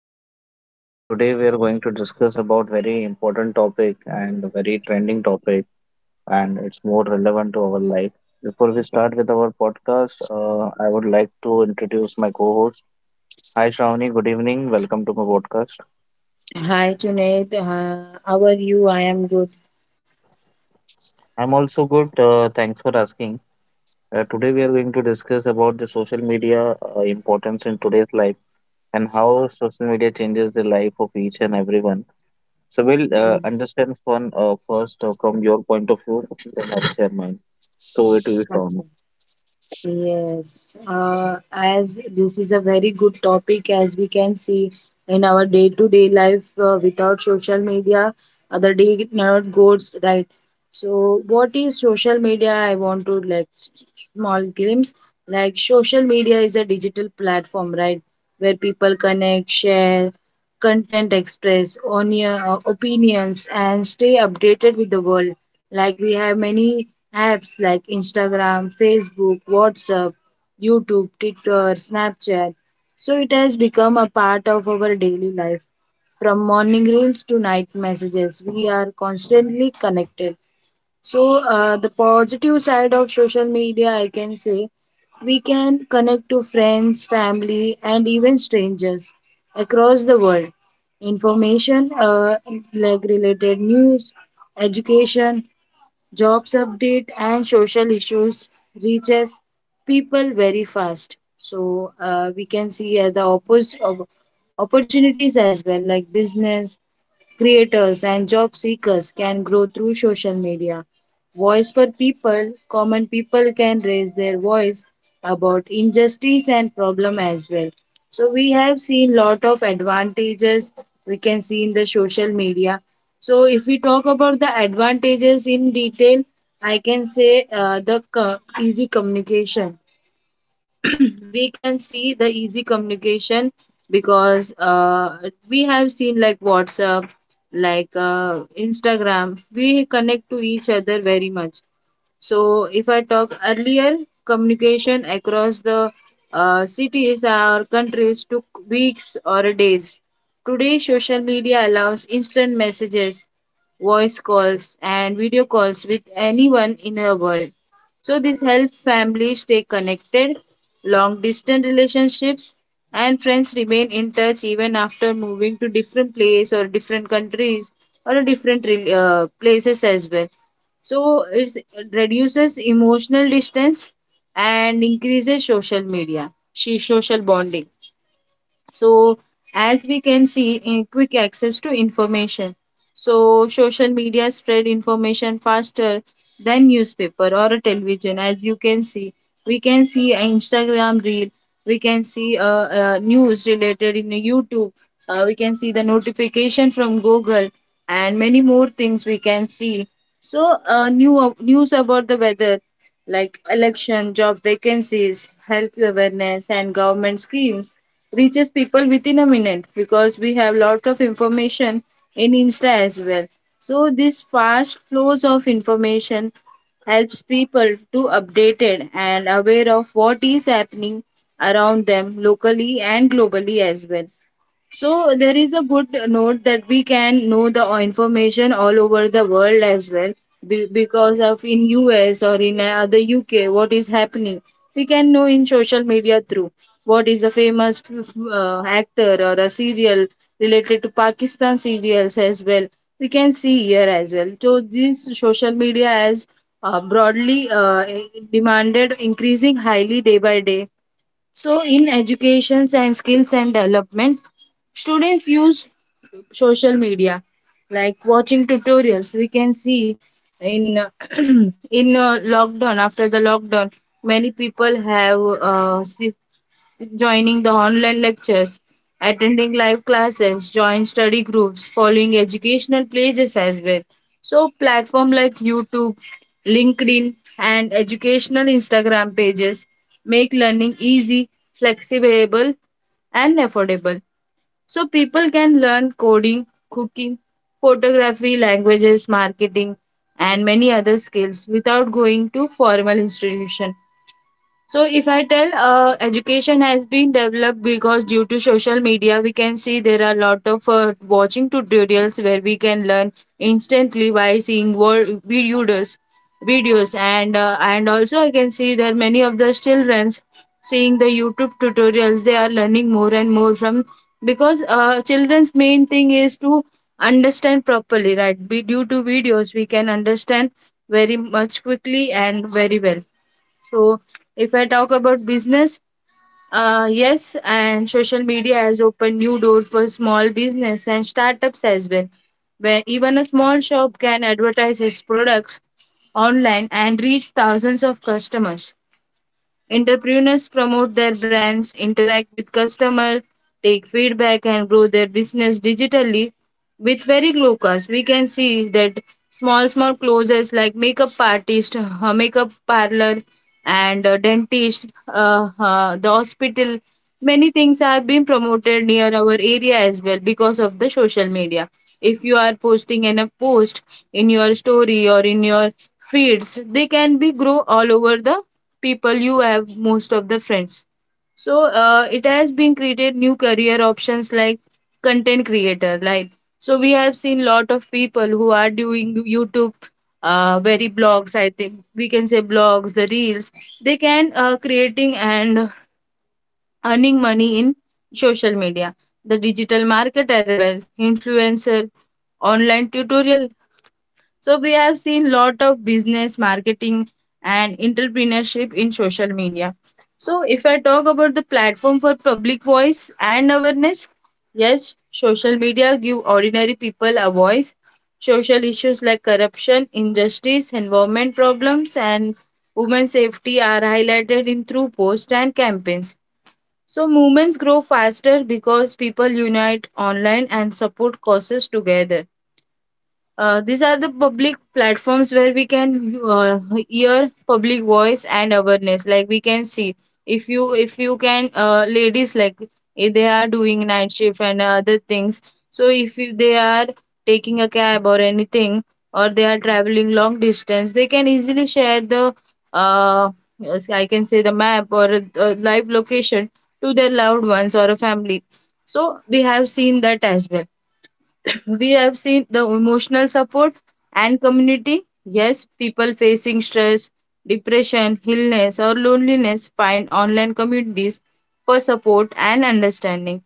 podcast. Today we are going to discuss about very important topic and a very trending topic, and it's more relevant to our life. Before we start with our podcast, I would like to introduce my co-host. Hi, Shravani. Good evening. Welcome to my podcast. Hi, Junaid. How are you? I am good. I'm also good. Thanks for asking. Today we are going to discuss about the social media importance in today's life and how social media changes the life of each and everyone. So we'll understand fun first from your point of view, then I'll share mine. So it will be fun. Yes. As this is a very good topic, as we can see in our day-to-day life, without social media, other day never goes right. So, what is social media? I want to like small glimpse. Like social media is a digital platform, right, where people connect, share, content express onion, opinions and stay updated with the world, like we have many apps like Instagram, Facebook, WhatsApp, YouTube, Twitter, Snapchat. So it has become a part of our daily life. From morning reels to night messages, we are constantly connected. So, the positive side of social media, I can say, we can connect to friends, family, and even strangers across the world. Information, like related news, education, jobs update, and social issues reaches people very fast. So, we can see opportunities as well, like business, creators and job seekers can grow through social media. Voice for people, common people can raise their voice about injustice and problem as well. So we have seen lot of advantages we can see in the social media. So if we talk about the advantages in detail, I can say easy communication. We can see the easy communication because we have seen like WhatsApp, like Instagram, we connect to each other very much. So if I talk earlier, communication across the cities or countries took weeks or days. Today, social media allows instant messages, voice calls, and video calls with anyone in the world. So this helps families stay connected, long distance relationships, and friends remain in touch even after moving to different place or different countries or places as well. So it reduces emotional distance and increases social media, she social bonding. So, as we can see in quick access to information, so social media spread information faster than newspaper or a television. As you can see, we can see an Instagram reel, we can see news related in YouTube, we can see the notification from Google, and many more things we can see. So new news about the weather, like election, job vacancies, health awareness, and government schemes reaches people within a minute because we have lot of information in Insta as well. So this fast flows of information helps people to updated and aware of what is happening around them locally and globally as well. So there is a good note that we can know the information all over the world as well, because of in US or in the UK what is happening. We can know in social media through what is a famous actor or a serial related to Pakistan serials as well. We can see here as well. So this social media has broadly demanded increasing highly day by day. So, in educations and skills and development, students use social media like watching tutorials. We can see in in lockdown after the lockdown, many people have see joining the online lectures, attending live classes, join study groups, following educational pages as well. So platform like YouTube, LinkedIn and educational Instagram pages make learning easy, flexible and affordable. So people can learn coding, cooking, photography, languages, marketing, and many other skills without going to formal institution. So if I tell, education has been developed because due to social media, we can see there are a lot of watching tutorials where we can learn instantly by seeing videos, videos, and also I can see that many of the childrens seeing the YouTube tutorials, they are learning more and more from, because children's main thing is to understand properly, right? Due to videos, we can understand very much quickly and very well. So, if I talk about business, yes, and social media has opened new doors for small business and startups as well, where even a small shop can advertise its products online and reach thousands of customers. Entrepreneurs promote their brands, interact with customers, take feedback, and grow their business digitally with very low cost. We can see that small, small closes like makeup artist, makeup parlor, and dentist, the hospital. Many things are being promoted near our area as well because of the social media. If you are posting an a post in your story or in your feeds, they can be grow all over the people you have most of the friends. So it has been created new career options like content creator, like, so we have seen lot of people who are doing YouTube, very blogs, I think we can say blogs, the reels they can creating and earning money in social media, the digital marketer well, influencer, online tutorial. So we have seen lot of business, marketing, and entrepreneurship in social media. So if I talk about the platform for public voice and awareness, yes, social media give ordinary people a voice. Social issues like corruption, injustice, environment problems, and women's safety are highlighted in through posts and campaigns. So movements grow faster because people unite online and support causes together. These are the public platforms where we can uh, hear public voice and awareness. Like we can see, if you can ladies like, if they are doing night shift and other things. So if you, they are taking a cab or anything or they are traveling long distance, they can easily share the uh, yes, I can say the map or a live location to their loved ones or a family. So we have seen that as well. We have seen the emotional support and community. Yes, people facing stress, depression, illness, or loneliness find online communities for support and understanding.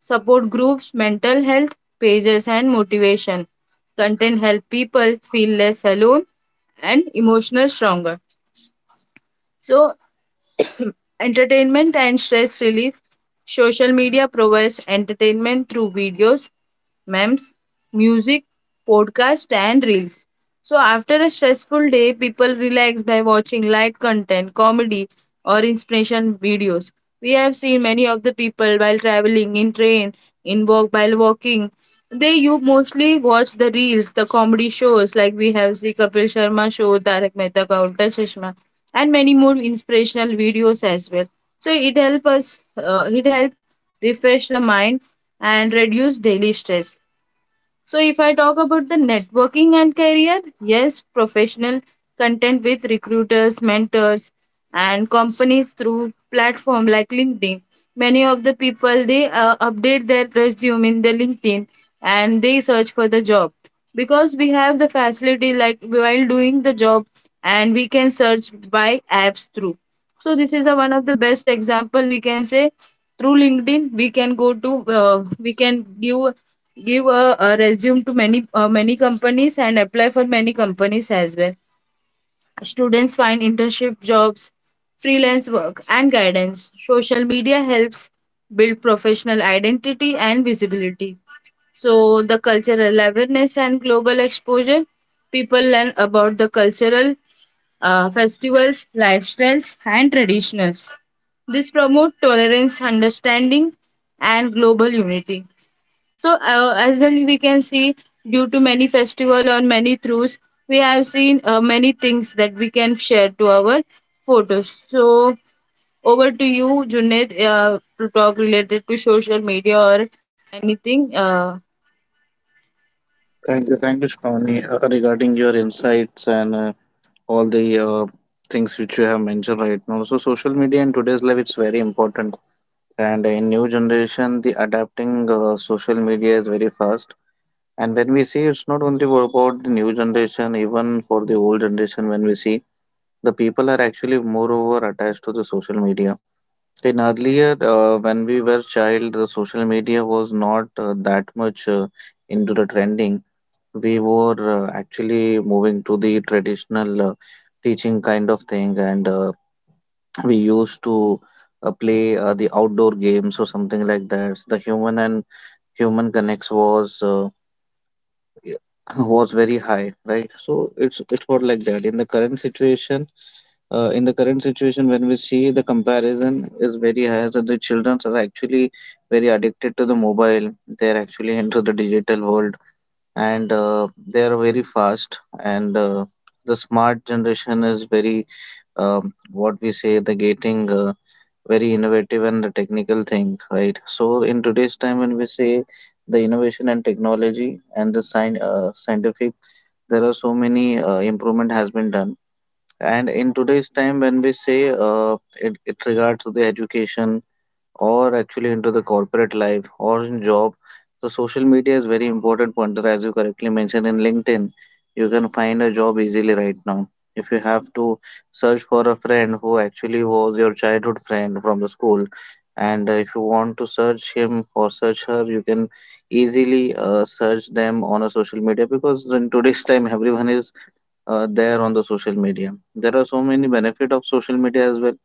Support groups, mental health pages, and motivation. Content help people feel less alone and emotional stronger. So entertainment and stress relief. Social media provides entertainment through videos, memes, music, podcasts, and reels. So after a stressful day, people relax by watching light content, comedy, or inspiration videos. We have seen many of the people while traveling in train, in walk while walking. They you mostly watch the reels, the comedy shows, like we have see Kapil Sharma show, Tarak Mehta ka Ulta Chashma, and many more inspirational videos as well. So it help us, it help refresh the mind and reduce daily stress. So, if I talk about the networking and career, yes, professional content with recruiters, mentors, and companies through platform like LinkedIn. Many of the people they update their resume in the LinkedIn and they search for the job, because we have the facility like while doing the job and we can search by apps through. So this is the one of the best example we can say. Through LinkedIn we can go to, uh, we can give give a resume to many many companies and apply for many companies as well. Students find internship jobs, freelance work and guidance. Social media helps build professional identity and visibility. So the cultural awareness and global exposure, people learn about the cultural festivals, lifestyles, and traditions. This promote tolerance, understanding, and global unity. So, as well, we can see due to many festival or many throughs, we have seen many things that we can share to our photos. So, over to you, Junaid, to talk related to social media or anything. Thank you, Shravani, regarding your insights and all the things which you have mentioned right now. So, social media in today's life it's very important, and in new generation, the adapting social media is very fast. And when we see, it's not only about the new generation, even for the old generation. When we see, the people are actually moreover attached to the social media. In earlier, when we were child, the social media was not that much into the trending. We were actually moving to the traditional teaching kind of thing, and we used to play the outdoor games or something like that. The human and human connects was was very high, right? So it was like that. In the current situation, in the current situation, when we see the comparison is very high, so the children are actually very addicted to the mobile. They are actually into the digital world, and they are very fast. And the smart generation is very, what we say, the getting very innovative and the technical thing, right? So in today's time, when we say the innovation and technology and the scientific, there are so many improvement has been done and in today's time, when we say it regards to the education or actually into the corporate life or in job, so social media is very important pointer as you correctly mentioned in LinkedIn. You can find a job easily right now. If you have to search for a friend who actually was your childhood friend from the school, and if you want to search him or search her, you can easily search them on a social media because in today's time everyone is there on the social media. There are so many benefit of social media as well.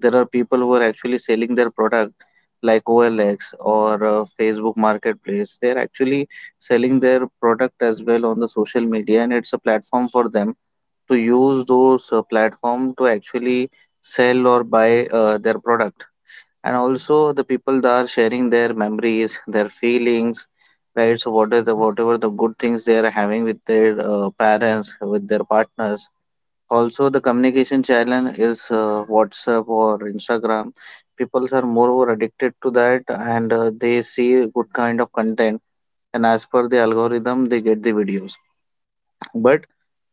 There are people who are actually selling their product like OLX or Facebook Marketplace. They're actually selling their product as well on the social media, and it's a platform for them to use those platform to actually sell or buy their product. And also the people that are sharing their memories, their feelings, right? So what are the whatever the good things they are having with their parents, with their partners, also, the communication channel is WhatsApp or Instagram. People are moreover addicted to that and they see good kind of content. And as per the algorithm, they get the videos. But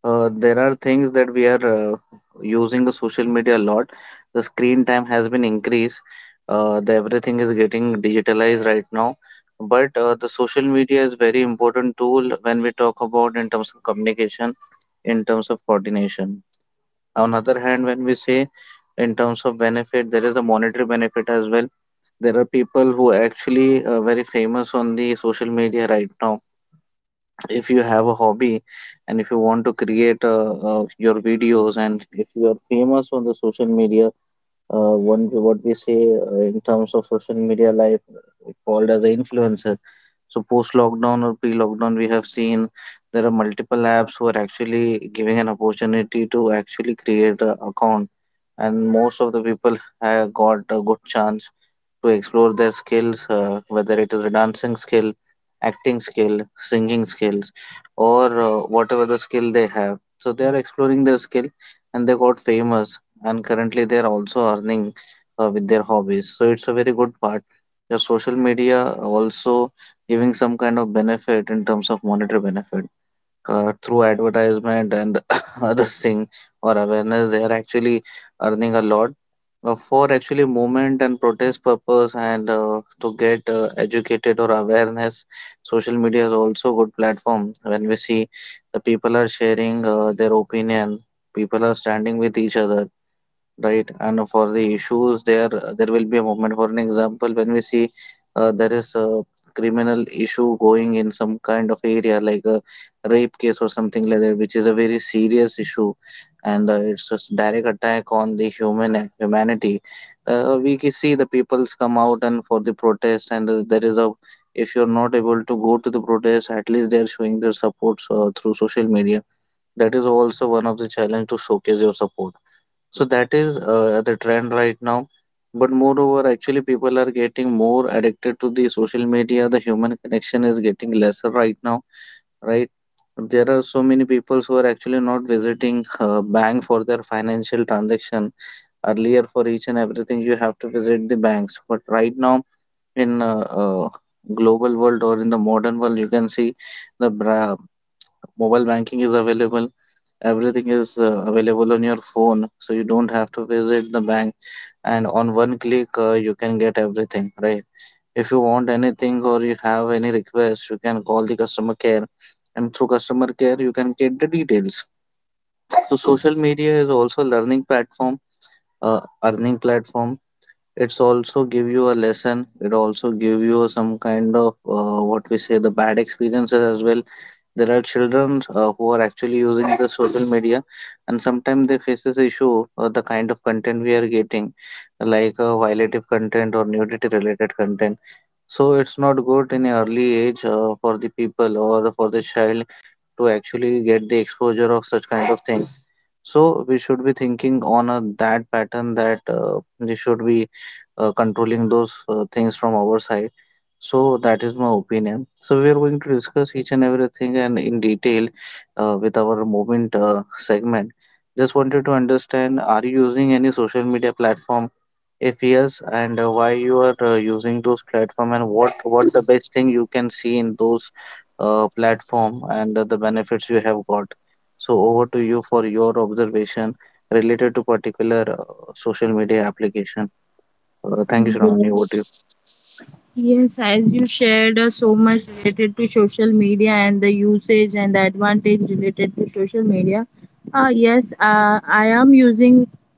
there are things that we are using the social media a lot. The screen time has been increased. The everything is getting digitalized right now. But the social media is very important tool when we talk about in terms of communication, in terms of coordination on other hand when we say in terms of benefit there is a monetary benefit as well. There are people who are actually very famous on the social media right now. If you have a hobby and if you want to create your videos and if you are famous on the social media, one what we say in terms of social media life called as an influencer. So post lockdown or pre lockdown we have seen there are multiple apps who are actually giving an opportunity to actually create an account, and most of the people have got a good chance to explore their skills, whether it is a dancing skill, acting skill, singing skills, or whatever the skill they have. So they are exploring their skill and they got famous, and currently they are also earning with their hobbies. So it's a very good part. The social media also giving some kind of benefit in terms of monetary benefit through advertisement and other thing or awareness they are actually earning a lot for actually movement and protest purpose and to get educated or awareness. Social media is also good platform when we see the people are sharing their opinion, people are standing with each other, right? And for the issues there will be a movement. For an example when we see there is a criminal issue going in some kind of area like a rape case or something like that which is a very serious issue, and it's a direct attack on the human humanity. We can see the peoples come out and for the protest and there is a, if you're not able to go to the protest at least they're showing their supports through social media. That is also one of the challenge to showcase your support. So that is the trend right now. But moreover, actually, people are getting more addicted to the social media. The human connection is getting lesser right now, right? There are so many people who are actually not visiting bank for their financial transaction. Earlier, for each and everything, you have to visit the banks. But right now, in global world or in the modern world, you can see the bra- mobile banking is available, everything is available on your phone so you don't have to visit the bank, and on one click you can get everything, right? If you want anything or you have any request you can call the customer care, and through customer care you can get the details. So social media is also learning platform, earning platform. It's also give you a lesson, it also give you some kind of what we say the bad experiences as well. There are children who are actually using the social media, and sometimes they face this issue the kind of content we are getting, like violative content or nudity related content. So it's not good in an early age for the people or for the child to actually get the exposure of such kind of thing. So we should be thinking on a, that pattern that we should be controlling those things from our side. So that is my opinion. So we are going to discuss each and everything and in detail with our movement segment. Just wanted to understand, are you using any social media platform? If yes, and why you are using those platform and what the best thing you can see in those platform and the benefits you have got. So over to you for your observation related to particular social media application. Thank you, Shravani. Over to you. Yes, as you shared so much related to social media and the usage and the advantage related to social media. Yes, I am using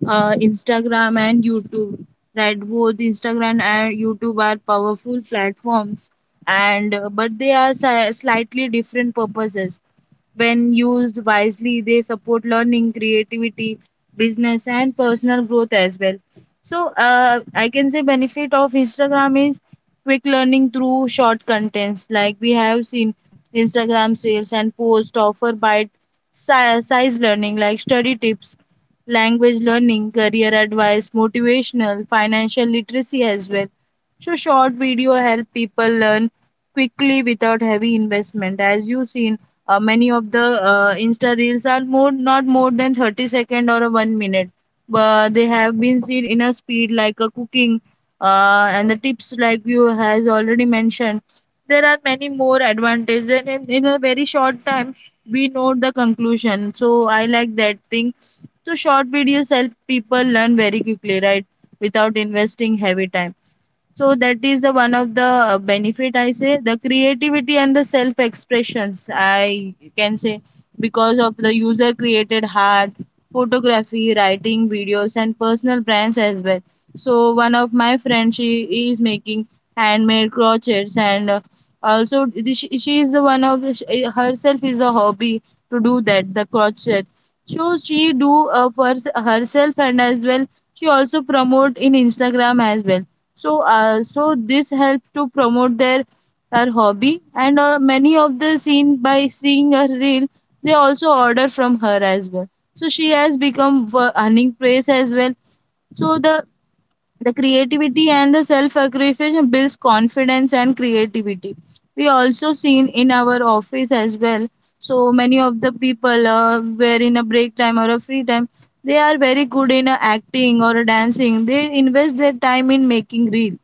Instagram and YouTube. Right, both Instagram and YouTube are powerful platforms, and but they are slightly different purposes. When used wisely, they support learning, creativity, business, and personal growth as well. So, I can say benefit of Instagram is quick learning through short contents. Like we have seen, Instagram sales and post offer bite size learning, like study tips, language learning, career advice, motivational, financial literacy as well. So short video help people learn quickly without heavy investment. As you seen, many of the Insta reels are more not more than 30 second or a 1 minute. But they have been seen in a speed like a cooking, and the tips like you has already mentioned. There are many more advantages, and in a very short time we know the conclusion. So I like that thing. So short videos help people learn very quickly, right? Without investing heavy time, so that is the one of the benefit. I say the creativity and the self expressions, I can say, because of the user created art, photography, writing, videos and personal brands as well. So one of my friends, she is making handmade crotchets and also she is the one of she, herself is the hobby to do that, the crochet. So she do for herself and as well she also promote in Instagram as well. So so this helps to promote their, her hobby and many of the seen by seeing her reel, they also order from her as well. So she has become for earning praise as well. So the creativity and the self aggression builds confidence and creativity. We also seen in our office as well. So many of the people were in a break time or a free time, they are very good in acting or dancing, they invest their time in making reel.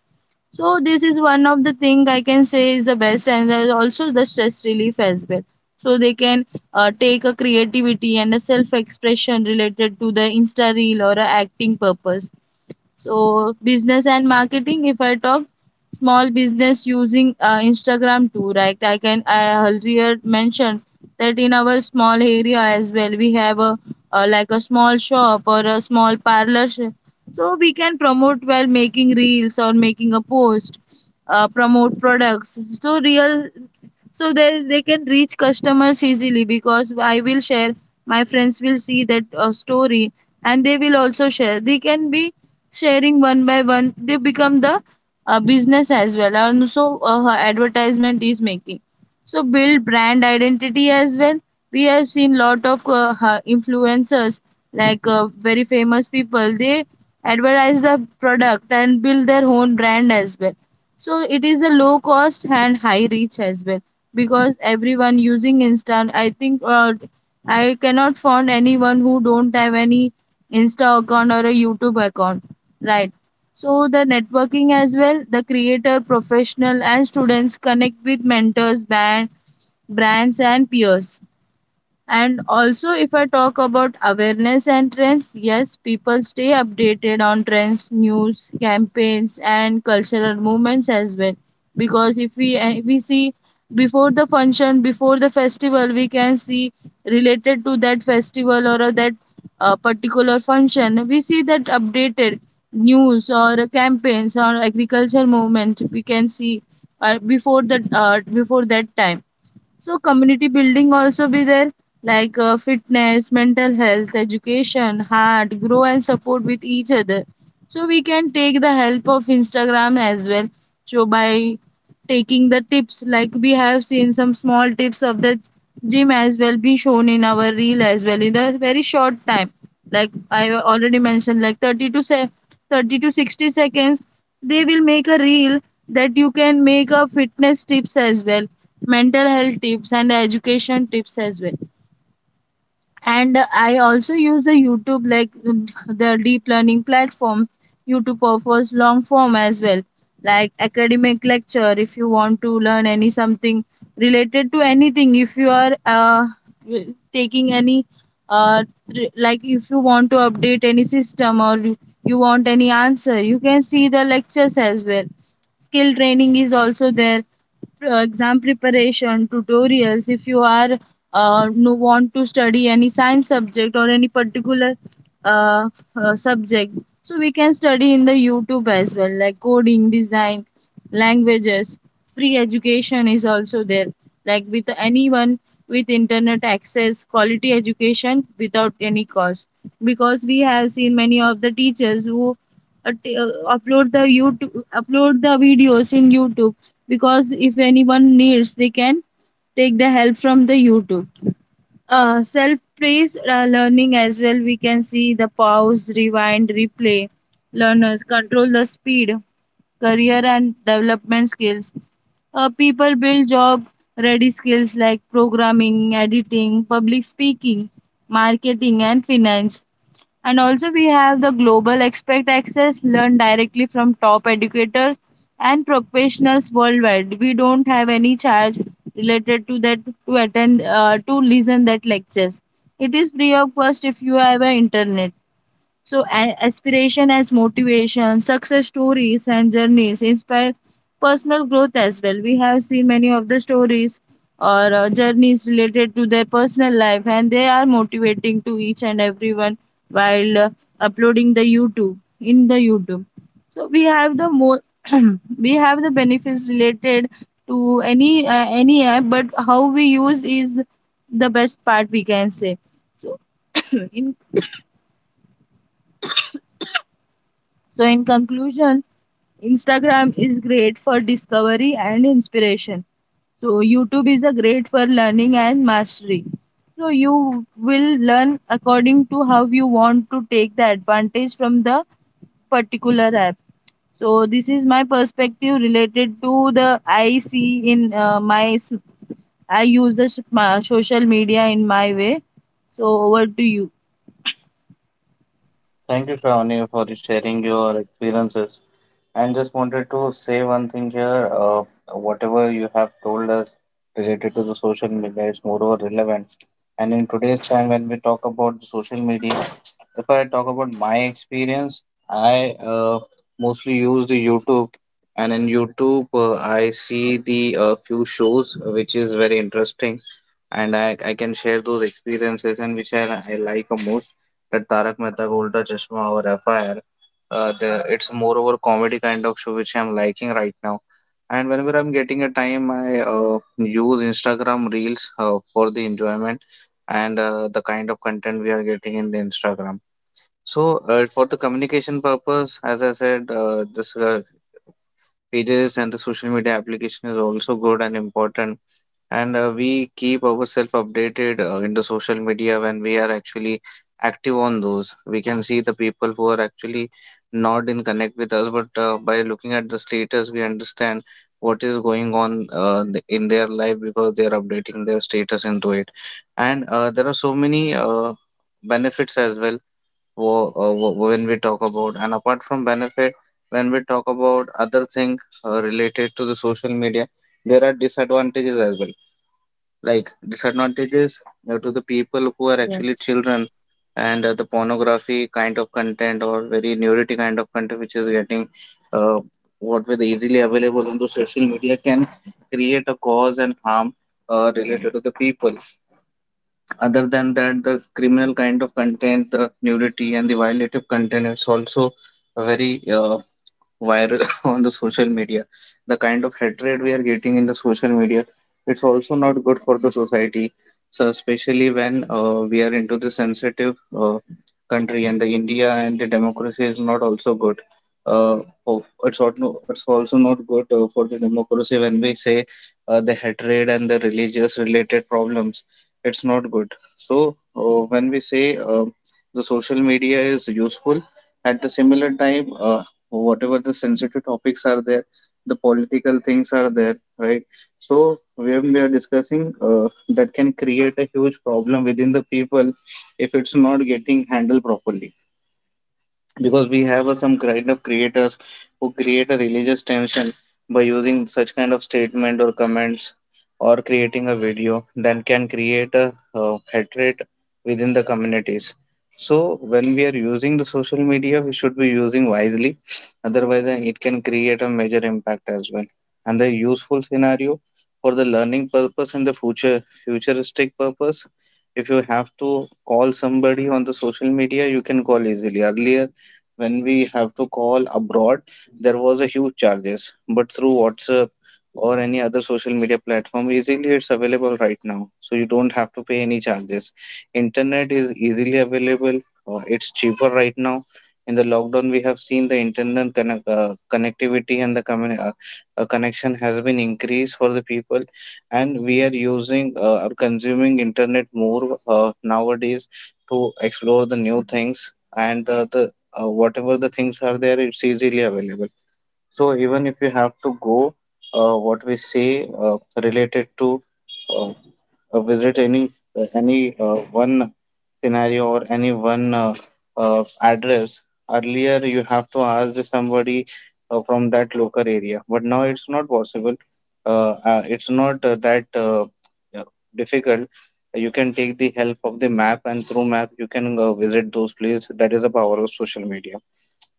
So this is one of the thing I can say is the best, and there's also the stress relief as well. So they can take a creativity and a self-expression related to the Insta reel or a acting purpose. So business and marketing, if I talk, small business using Instagram too, right? I earlier mentioned that in our small area as well, we have a like a small shop or a small parlor shop. So we can promote while making reels or making a post, promote products. So real, so they can reach customers easily because I will share, my friends will see that story and they will also share. They can be sharing one by one, they become the business as well, and also her advertisement is making. So build brand identity as well. We have seen lot of influencers like very famous people, they advertise the product and build their own brand as well. So it is a low cost and high reach as well, because everyone using Insta. I think I cannot find anyone who don't have any Insta account or a YouTube account, right? So the networking as well, the creator professional and students connect with mentors, band, brands and peers. And also, if I talk about awareness and trends, yes, people stay updated on trends, news, campaigns, and cultural movements as well. Because if we, and if we see before the function, before the festival, we can see related to that festival or that particular function, we see that updated news or campaigns or agriculture movement. We can see before that time. So community building also be there, like fitness, mental health, education, heart, grow and support with each other. So we can take the help of Instagram as well. So by taking the tips, like we have seen some small tips of the gym as well be shown in our reel as well in a very short time. Like I already mentioned, like 30 to 60 seconds they will make a reel. That you can make a fitness tips as well, mental health tips and education tips as well. And I also use the YouTube like the deep learning platform. YouTube offers long form as well, like academic lecture. If you want to learn any something related to anything, if you are taking any uh, like if you want to update any system or you want any answer, you can see the lectures as well. Skill training is also there, exam preparation tutorials. If you are no want to study any science subject or any particular uh, subject, so we can study in the YouTube as well, like coding, design, languages. Free education is also there, like with anyone with internet access, quality education without any cost. Because we have seen many of the teachers who uh, t- uh, upload the youtube upload the videos in YouTube. Because if anyone needs, they can take the help from the YouTube. Self praise learning as well, we can see the pause, rewind, replay. Learners control the speed. Career and development skills, people build job ready skills like programming, editing, public speaking, marketing and finance. And also we have the global expert access, learn directly from top educators and professionals worldwide. We don't have any charge related to that, to attend, to listen that lectures. It is free of cost if you have an internet. So aspiration as motivation, success stories and journeys inspire personal growth as well. We have seen many of the stories or journeys related to their personal life, and they are motivating to each and everyone while uploading the YouTube in the YouTube. So we have the more we have the benefits related to any app, but how we use is the best part, we can say. So in so, in conclusion, Instagram is great for discovery and inspiration. So YouTube is a great for learning and mastery. So you will learn according to how you want to take the advantage from the particular app. So this is my perspective related to the I see in my I use the my social media in my way. So over to you. Thank you, Shravani, for sharing your experiences. And just wanted to say one thing here. Whatever you have told us related to the social media is more relevant. And in today's time, when we talk about the social media, if I talk about my experience, I mostly use the YouTube, and in YouTube, I see the few shows which is very interesting, and I can share those experiences and which I like the most. That Tarak Mehta Ka Ulta Chashma or FIR, the it's moreover comedy kind of show which I'm liking right now. And whenever I'm getting a time, I use Instagram Reels for the enjoyment and the kind of content we are getting in the Instagram. So for the communication purpose, as I said, this pages and the social media application is also good and important, and we keep ourselves updated in the social media. When we are actually active on those, we can see the people who are actually not in connect with us, but by looking at the status we understand what is going on in their life, because they are updating their status into it. And there are so many benefits as well when we talk about, and apart from benefit, when we talk about other thing related to the social media, there are disadvantages as well. Like disadvantages to the people who are actually Yes, children, and the pornography kind of content or very nudity kind of content which is getting uh, what were easily available on the social media can create a cause and harm related to the people. Other than that, the criminal kind of content, the nudity and the violative content, it's also a very viral on the social media. The kind of hatred we are getting in the social media, it's also not good for the society. So especially when we are into the sensitive country and the India, and the democracy is not also good. Uh, it's also not good for the democracy when we say the hatred and the religious related problems. It's not good. So when we say the social media is useful, at the similar time so whatever the sensitive topics are there, the political things are there, right? So when we are discussing, that can create a huge problem within the people if it's not getting handled properly, because we have some kind of creators who create a religious tension by using such kind of statement or comments, or creating a video that can create a hatred within the communities. So when we are using the social media, we should be using wisely, otherwise it can create a major impact as well. And the useful scenario for the learning purpose and the future futuristic purpose, if you have to call somebody on the social media, you can call easily. Earlier, when we have to call abroad, there was a huge charges, but through WhatsApp or any other social media platform, easily it's available right now, so you don't have to pay any charges. Internet is easily available, it's cheaper right now. In the lockdown, we have seen the internet connectivity and the connection has been increased for the people, and we are using or consuming internet more nowadays to explore the new things. And the whatever the things are there, it's easily available. So even if you have to go, what we say related to uh, visit any one scenario or any one address, earlier you have to ask somebody from that local area, but now it's not possible. It's not that uh, difficult. You can take the help of the map, and through map you can visit those places. That is the power of social media.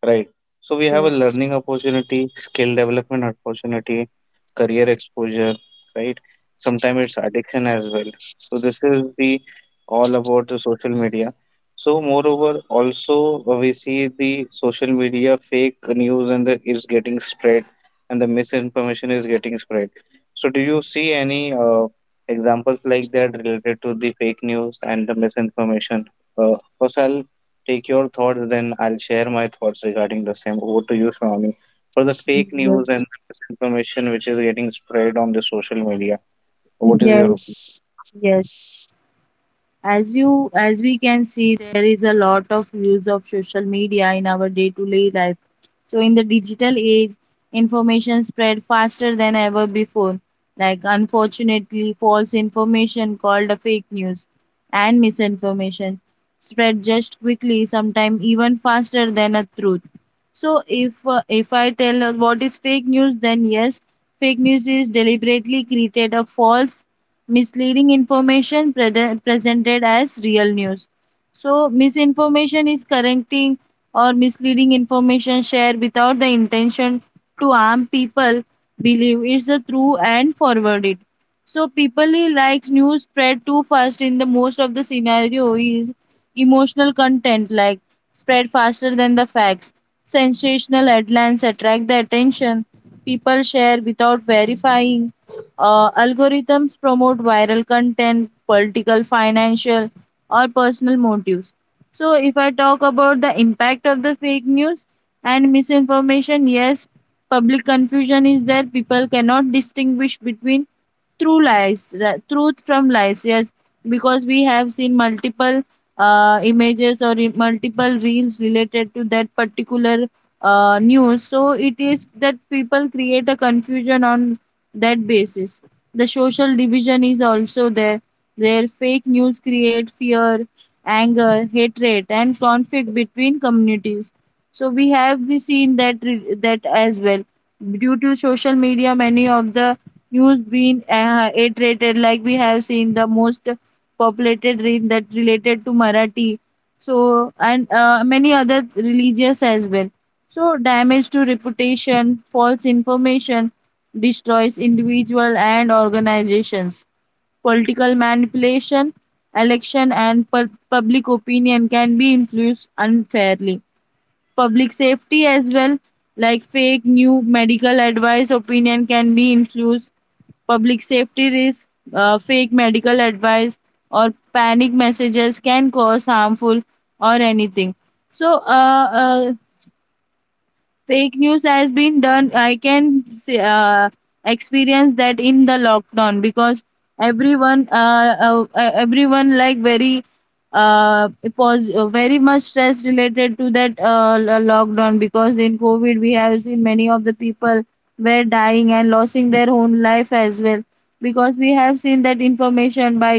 Right. So we have a yes, learning opportunity, skill development opportunity, career exposure, right? Sometimes it's addiction as well. So this is the all about the social media. So moreover, also we see the social media fake news and the is getting spread, and the misinformation is getting spread. So do you see any examples like that related to the fake news and the misinformation? Uh, Osal, take your thoughts, then I'll share my thoughts regarding the same. Over to you, Swami, for the fake news yes, and the misinformation which is getting spread on the social media. What is your opinion? yes, yes. As you, as we can see, there is a lot of use of social media in our day to day life. So in the digital age, information spread faster than ever before. Like, unfortunately, false information called a fake news and misinformation spread just quickly, sometimes even faster than a truth. So if I tell what is fake news, then yes, fake news is deliberately created a false misleading information presented as real news. So misinformation is correcting or misleading information shared without the intention to harm people, believe is the true and forward it. So people who likes news spread too fast, in the most of the scenario is emotional content, like spread faster than the facts. Sensational headlines attract the attention. People share without verifying. Algorithms promote viral content, political, financial, or personal motives. So if I talk about the impact of the fake news and misinformation, yes, public confusion is there. People cannot distinguish between true lies, the truth from lies. Yes, because we have seen multiple images or multiple reels related to that particular news. So it is that people create a confusion on that basis. The social division is also there. Their fake news create fear, anger, hatred, and conflict between communities. So we have the seen that that as well. Due to social media, many of the news being iterated. Like we have seen the most populated read that related to Marathi. So, and many other religious as well. So damage to reputation, false information destroys individual and organizations. Political manipulation, election and public opinion can be influenced unfairly. Public safety as well, like fake new medical advice, opinion can be influenced, public safety risk, fake medical advice or panic messages can cause harmful or anything. So fake news has been done. I can uh, experience that in the lockdown, because everyone everyone, like very it was very much stress related to that lockdown, because in COVID we have seen many of the people were dying and losing their own life as well. Because we have seen that information, by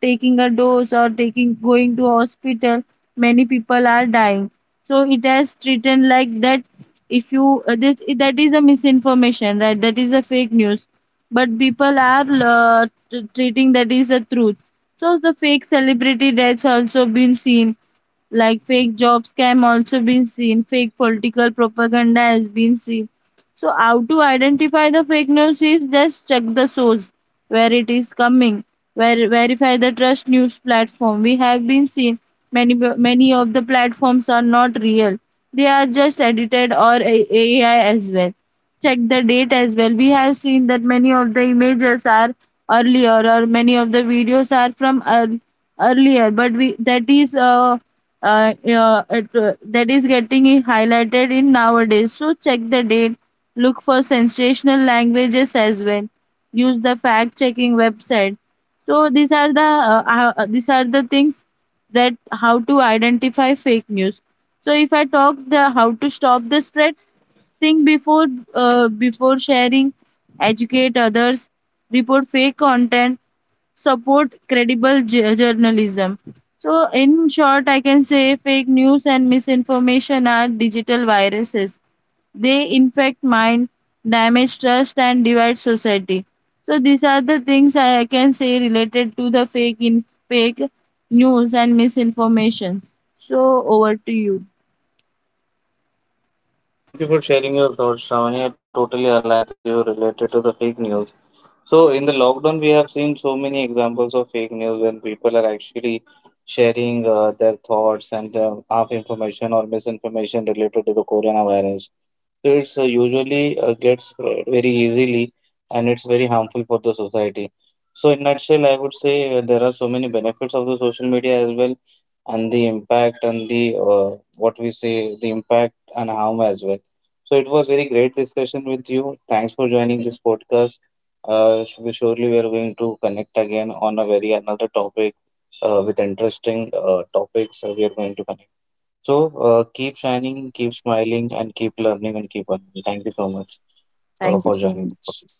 taking a dose or taking going to hospital, many people are dying. So it has treated like that. If you that is a misinformation, right? That is a fake news, but people are treating that is a truth. So the fake celebrity that's also been seen, like fake job scam also been seen, fake political propaganda has been seen. So how to identify the fake news is just check the source where it is coming, where verify the trust news platform. We have been seen many, many of the platforms are not real, they are just edited or AI as well. Check the date as well. We have seen that many of the images are earlier or many of the videos are from earlier, but we that is uh, that is getting highlighted in nowadays. So check the date, look for sensational languages as well, use the fact checking website. So these are the things that how to identify fake news. So if I talk the how to stop the spread, think before before sharing, educate others, report fake content, support credible journalism. So in short, I can say fake news and misinformation are digital viruses. They infect mind, damage trust, and divide society. So these are the things I can say related to the fake news and misinformation. So over to you. Thank you for sharing your thoughts, Shravani. I totally align with you related to the fake news. So in the lockdown, we have seen so many examples of fake news when people are actually sharing their thoughts and half information or misinformation related to the coronavirus. It's usually gets spread very easily, and it's very harmful for the society. So in nutshell, I would say there are so many benefits of the social media as well, and the impact and the what we say, the impact and harm as well. So it was very great discussion with you. Thanks for joining this podcast. We surely we are going to connect again on a very another topic with interesting topics. We are going to connect. So keep shining, keep smiling, and keep learning and keep learning. Thank you so much Thank you for so joining the much. podcast.